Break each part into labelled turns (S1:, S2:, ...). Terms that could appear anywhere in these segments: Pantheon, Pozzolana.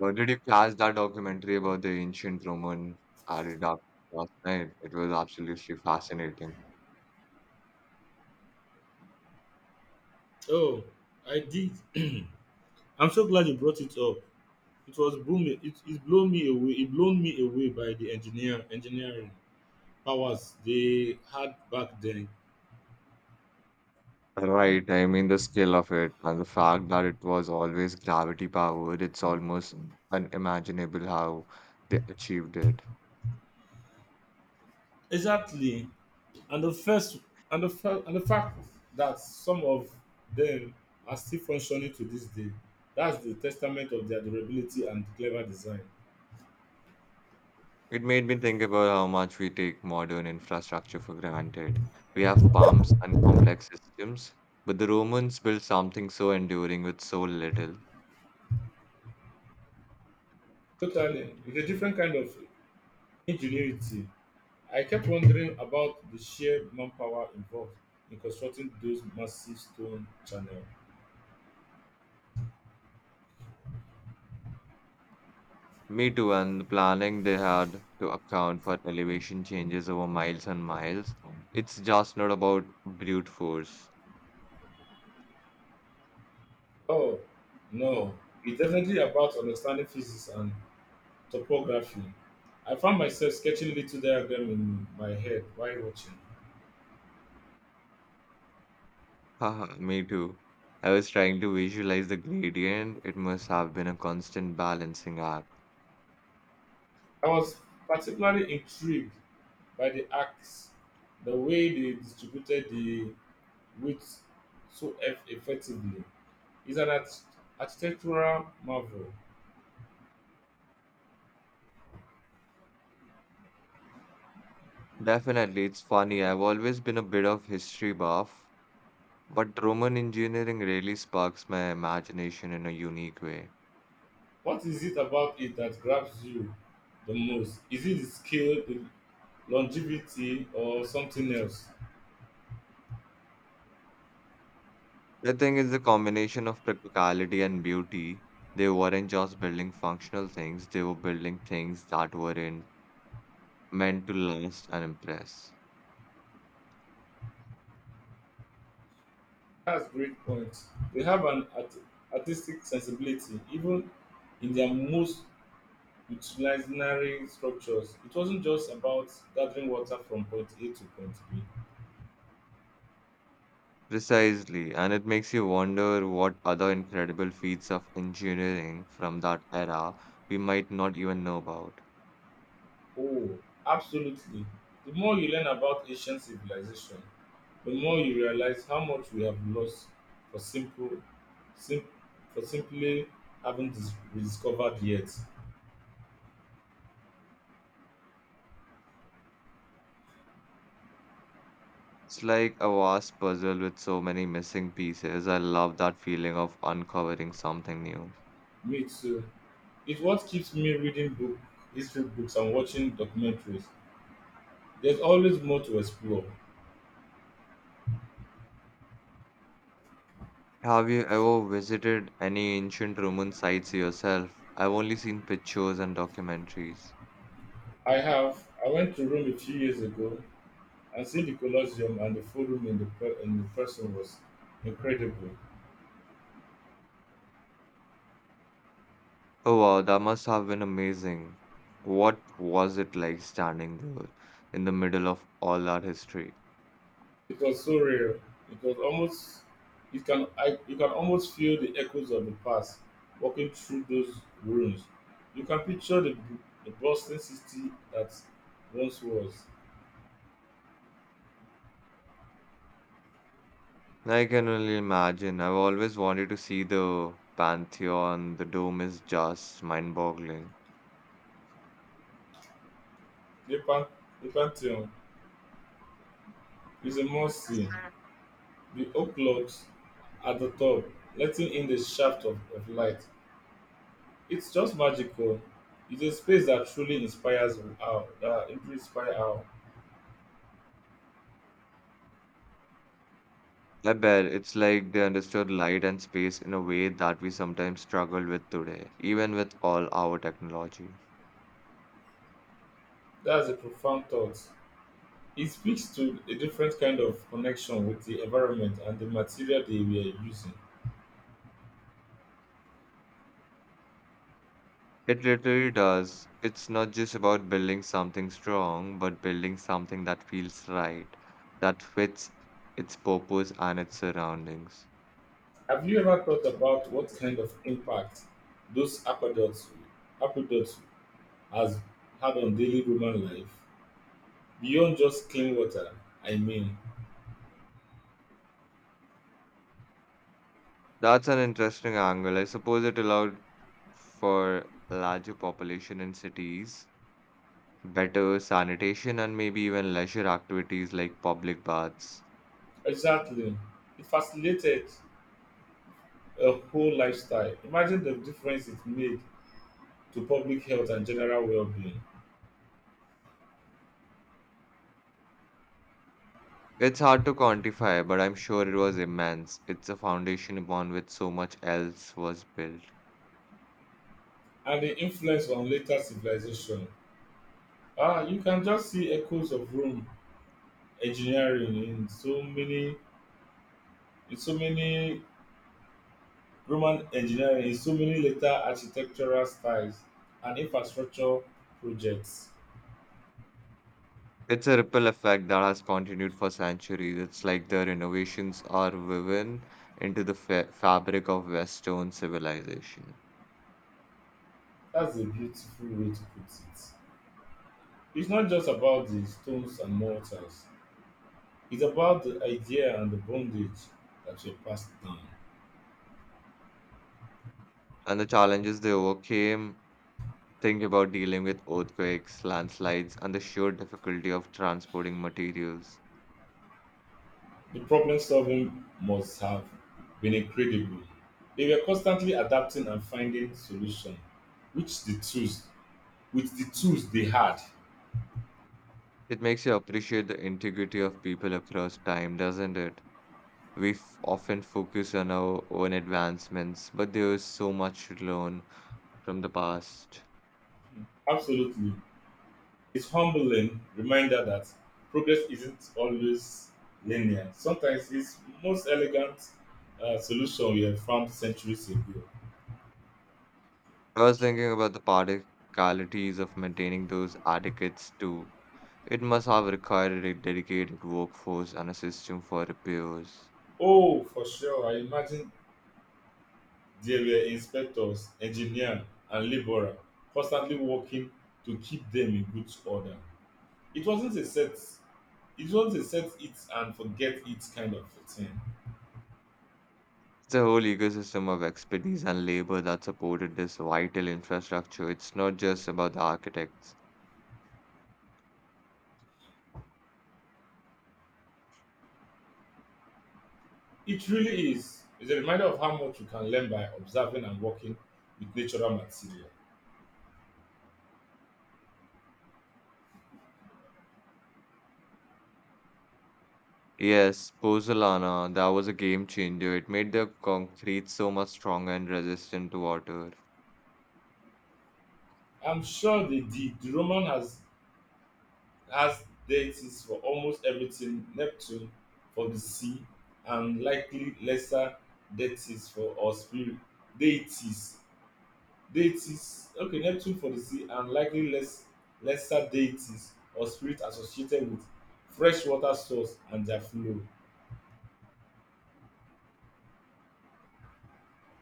S1: Or did you catch that documentary about the ancient Roman aqueduct last night? It was absolutely fascinating.
S2: Oh, I did. I'm so glad you brought it up. It was blown me it, it blown me away it blown me away by the engineering powers they had back then.
S1: Right, I mean the scale of it and the fact that it was always gravity powered, it's almost unimaginable how they achieved it.
S2: Exactly. And the first and the fact that some of them are still functioning to this day. That's the testament of their durability and clever design.
S1: It made me think about how much we take modern infrastructure for granted. We have pumps and complex systems, but the Romans built something so enduring with so little.
S2: Totally. It's a different kind of ingenuity. I kept wondering about the sheer manpower involved in constructing those massive stone channels.
S1: Me too, and the planning they had to account for elevation changes over miles and miles. It's just not about brute force.
S2: Oh, no. It's definitely about understanding physics and topography. I found myself sketching little diagrams in my head while watching.
S1: Haha, me too. I was trying to visualize the gradient. It must have been a constant balancing act.
S2: I was particularly intrigued by the arcs, the way they distributed the width so effectively. It's an architectural marvel.
S1: Definitely, it's funny. I've always been a bit of history buff, but Roman engineering really sparks my imagination in a unique way.
S2: What is it about it that grabs you the most? Is it the scale, the longevity, or something else?
S1: I think it's a combination of practicality and beauty. They weren't just building functional things, they were building things that weren't meant to last and impress.
S2: That's a great point. They have an artistic sensibility, even in their most utilitarian structures. It wasn't just about gathering water from point A to point B.
S1: Precisely, and it makes you wonder what other incredible feats of engineering from that era we might not even know about.
S2: Oh, absolutely. The more you learn about ancient civilization, the more you realize how much we have lost for simple sim- for simply haven't rediscovered yet.
S1: It's like a vast puzzle with so many missing pieces. I love that feeling of uncovering something new.
S2: Me too. It's what keeps me reading history books and watching documentaries. There's always more to explore.
S1: Have you ever visited any ancient Roman sites yourself? I've only seen pictures and documentaries.
S2: I have. I went to Rome a few years ago and see the Colosseum and the Forum in the person was incredible.
S1: Oh wow, that must have been amazing. What was it like standing there in the middle of all that history?
S2: It was so surreal. It was almost you can almost feel the echoes of the past walking through those ruins. You can picture the bustling city that once was.
S1: I can only imagine. I've always wanted to see the Pantheon. The dome is just mind-boggling.
S2: The, pan, the Pantheon is a must see. The oak logs at the top, letting in the shaft of light. It's just magical. It's a space that truly inspire our.
S1: I bet it's like they understood light and space in a way that we sometimes struggle with today, even with all our technology.
S2: That's a profound thought. It speaks to a different kind of connection with the environment and the material they were using.
S1: It literally does. It's not just about building something strong, but building something that feels right, that fits its purpose and its surroundings.
S2: Have you ever thought about what kind of impact those aqueducts, aqueducts has had on daily human life? Beyond just clean water, I mean.
S1: That's an interesting angle. I suppose it allowed for larger population in cities, better sanitation, and maybe even leisure activities like public baths.
S2: Exactly. It facilitated a whole lifestyle. Imagine the difference it made to public health and general well being,
S1: It's hard to quantify, but I'm sure it was immense. It's a foundation upon which so much else was built.
S2: and the influence on later civilization. Ah, you can just see echoes of Rome engineering in so many roman engineering in so many later architectural styles and infrastructure projects.
S1: It's a ripple effect that has continued for centuries. It's like their innovations are woven into the fa fabric of Western civilization.
S2: That's a beautiful way to put it. It's not just about the stones and mortars. It's about the idea and the bondage that were passed down.
S1: And the challenges they overcame, think about dealing with earthquakes, landslides, and the sheer difficulty of transporting materials.
S2: The problem solving must have been incredible. They were constantly adapting and finding solutions which the tools with the tools they had.
S1: It makes you appreciate the integrity of people across time, doesn't it? We f often focus on our own advancements, but there is so much to learn from the past.
S2: Absolutely. It's humbling reminder that progress isn't always linear. Sometimes it's most elegant solution we have found centuries ago.
S1: I was thinking about the practicalities of maintaining those etiquettes too. It must have required a dedicated workforce and a system for repairs.
S2: Oh, for sure. I imagine there were inspectors, engineers, and laborers constantly working to keep them in good order. It wasn't a set it wasn't a set it and forget it kind of a thing.
S1: It's a whole ecosystem of expertise and labor that supported this vital infrastructure. It's not just about the architects.
S2: It really is. It's a reminder of how much you can learn by observing and working with natural material.
S1: Yes, Pozzolana, that was a game changer. It made the concrete so much stronger and resistant to water.
S2: I'm sure they did. The Roman has deities for almost everything: Neptune for the sea, and likely lesser deities for or spirit deities. Deities okay, Neptune for the sea and likely lesser deities or spirits associated with freshwater source and their flow.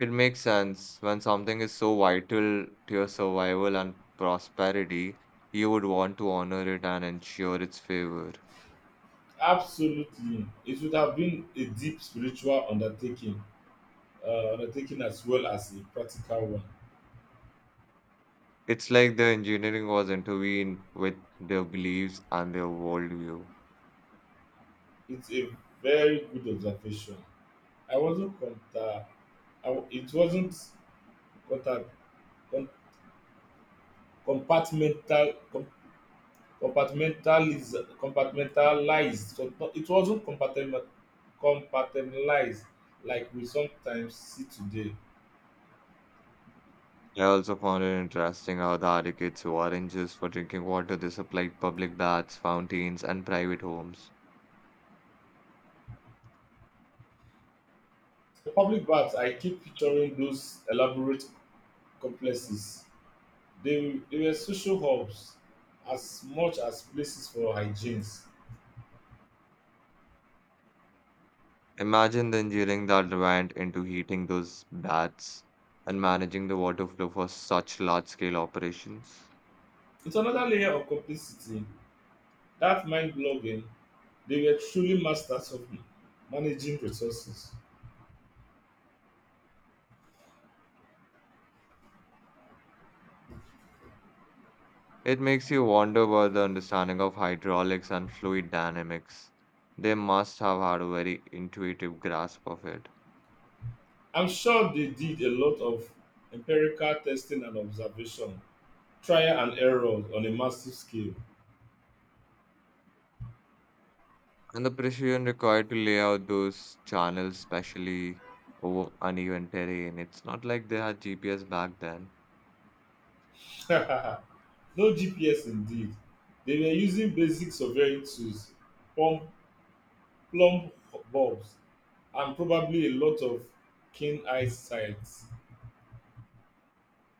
S1: It makes sense. When something is so vital to your survival and prosperity, you would want to honor it and ensure its favor.
S2: Absolutely. It would have been a deep spiritual undertaking, undertaking as well as a practical one.
S1: It's like the engineering was intervened with their beliefs and their worldview.
S2: It's a very good observation. I wasn't conta- I w- it wasn't conta- com- compartmental com- compartmentaliz- compartmentalized. So no- it wasn't compartment- compartmentalized like we sometimes see today.
S1: I also found it interesting how the Arikets weren't just for drinking water, they supplied public baths, fountains, and private homes.
S2: The public baths, I keep picturing those elaborate complexes. They were social hubs as much as places for hygienes.
S1: Imagine the engineering that went into heating those baths and managing the water flow for such large-scale operations.
S2: It's another layer of complicity. That mind blogging. They were truly masters of managing resources.
S1: It makes you wonder about the understanding of hydraulics and fluid dynamics. They must have had a very intuitive grasp of it.
S2: I'm sure they did a lot of empirical testing and observation, trial and error on a massive scale.
S1: And the precision required to lay out those channels, especially over uneven terrain, it's not like they had GPS back then.
S2: No GPS indeed. They were using basic surveying tools, plumb, plumb bulbs, and probably a lot of keen eyesight.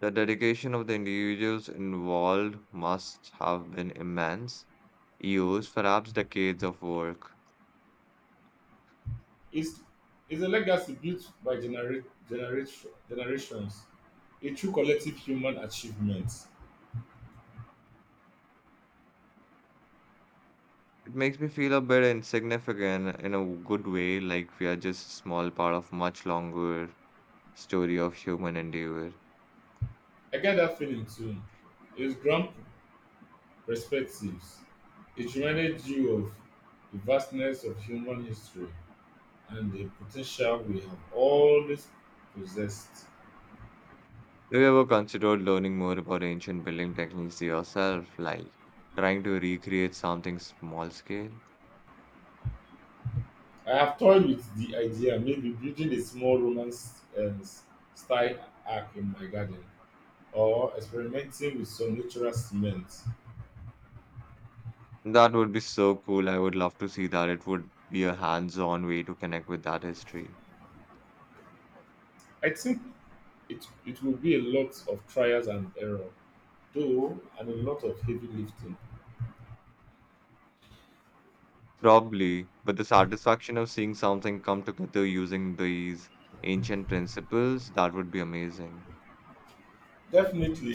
S1: The dedication of the individuals involved must have been immense, years, perhaps decades of work.
S2: It's, it's a legacy built by generations, a true collective human achievement.
S1: It makes me feel a bit insignificant in a good way, like we are just a small part of much longer story of human endeavor.
S2: I get that feeling too. His grand perspectives. It reminded you of the vastness of human history and the potential we have always possessed.
S1: Have you ever considered learning more about ancient building techniques yourself, like trying to recreate something small scale?
S2: I have toyed with the idea maybe building a small romance style arc in my garden or experimenting with some natural cement.
S1: That would be so cool. I would love to see that. It would be a hands-on way to connect with that history.
S2: I think it will be a lot of trials and error, though, and a lot of heavy lifting.
S1: Probably, but the satisfaction of seeing something come together using these ancient principles, that would be amazing.
S2: Definitely,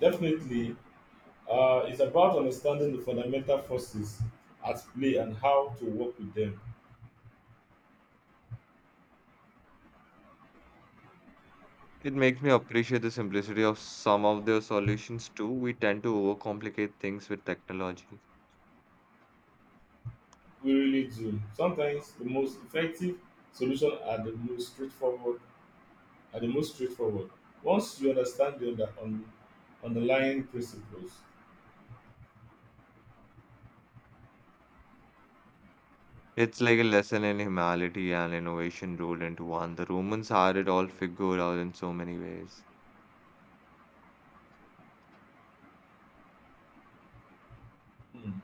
S2: definitely. It's about understanding the fundamental forces at play and how to work with them.
S1: It makes me appreciate the simplicity of some of their solutions too. We tend to overcomplicate things with technology.
S2: We really do. Sometimes the most effective solutions are the most straightforward. Are the most straightforward. Once you understand the underlying principles.
S1: It's like a lesson in humanity and innovation rolled into one. The Romans had it all figured out in so many ways.
S2: Hmm.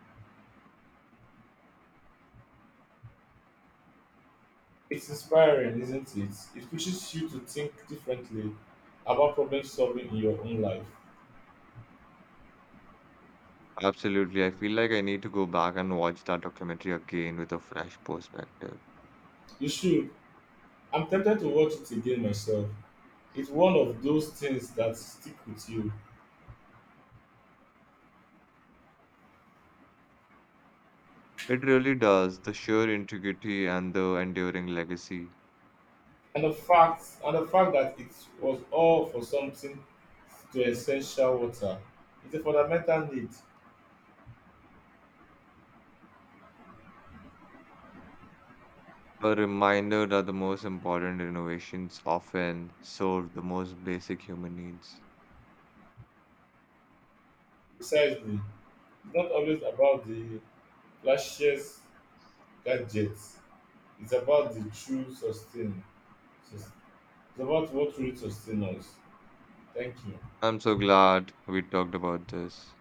S2: It's inspiring, isn't it? It pushes you to think differently about problem solving in your own life.
S1: Absolutely. I feel like I need to go back and watch that documentary again with a fresh perspective.
S2: You should. I'm tempted to watch it again myself. It's one of those things that stick with you.
S1: It really does. The sheer integrity and the enduring legacy.
S2: And the fact that it was all for something to essential water. It's a fundamental need,
S1: A reminder that the most important innovations often serve the most basic human needs.
S2: precisely. It's not always about the flashiest gadgets. It's about the sus- It's about what really sustains us. Thank you.
S1: I'm so glad we talked about this.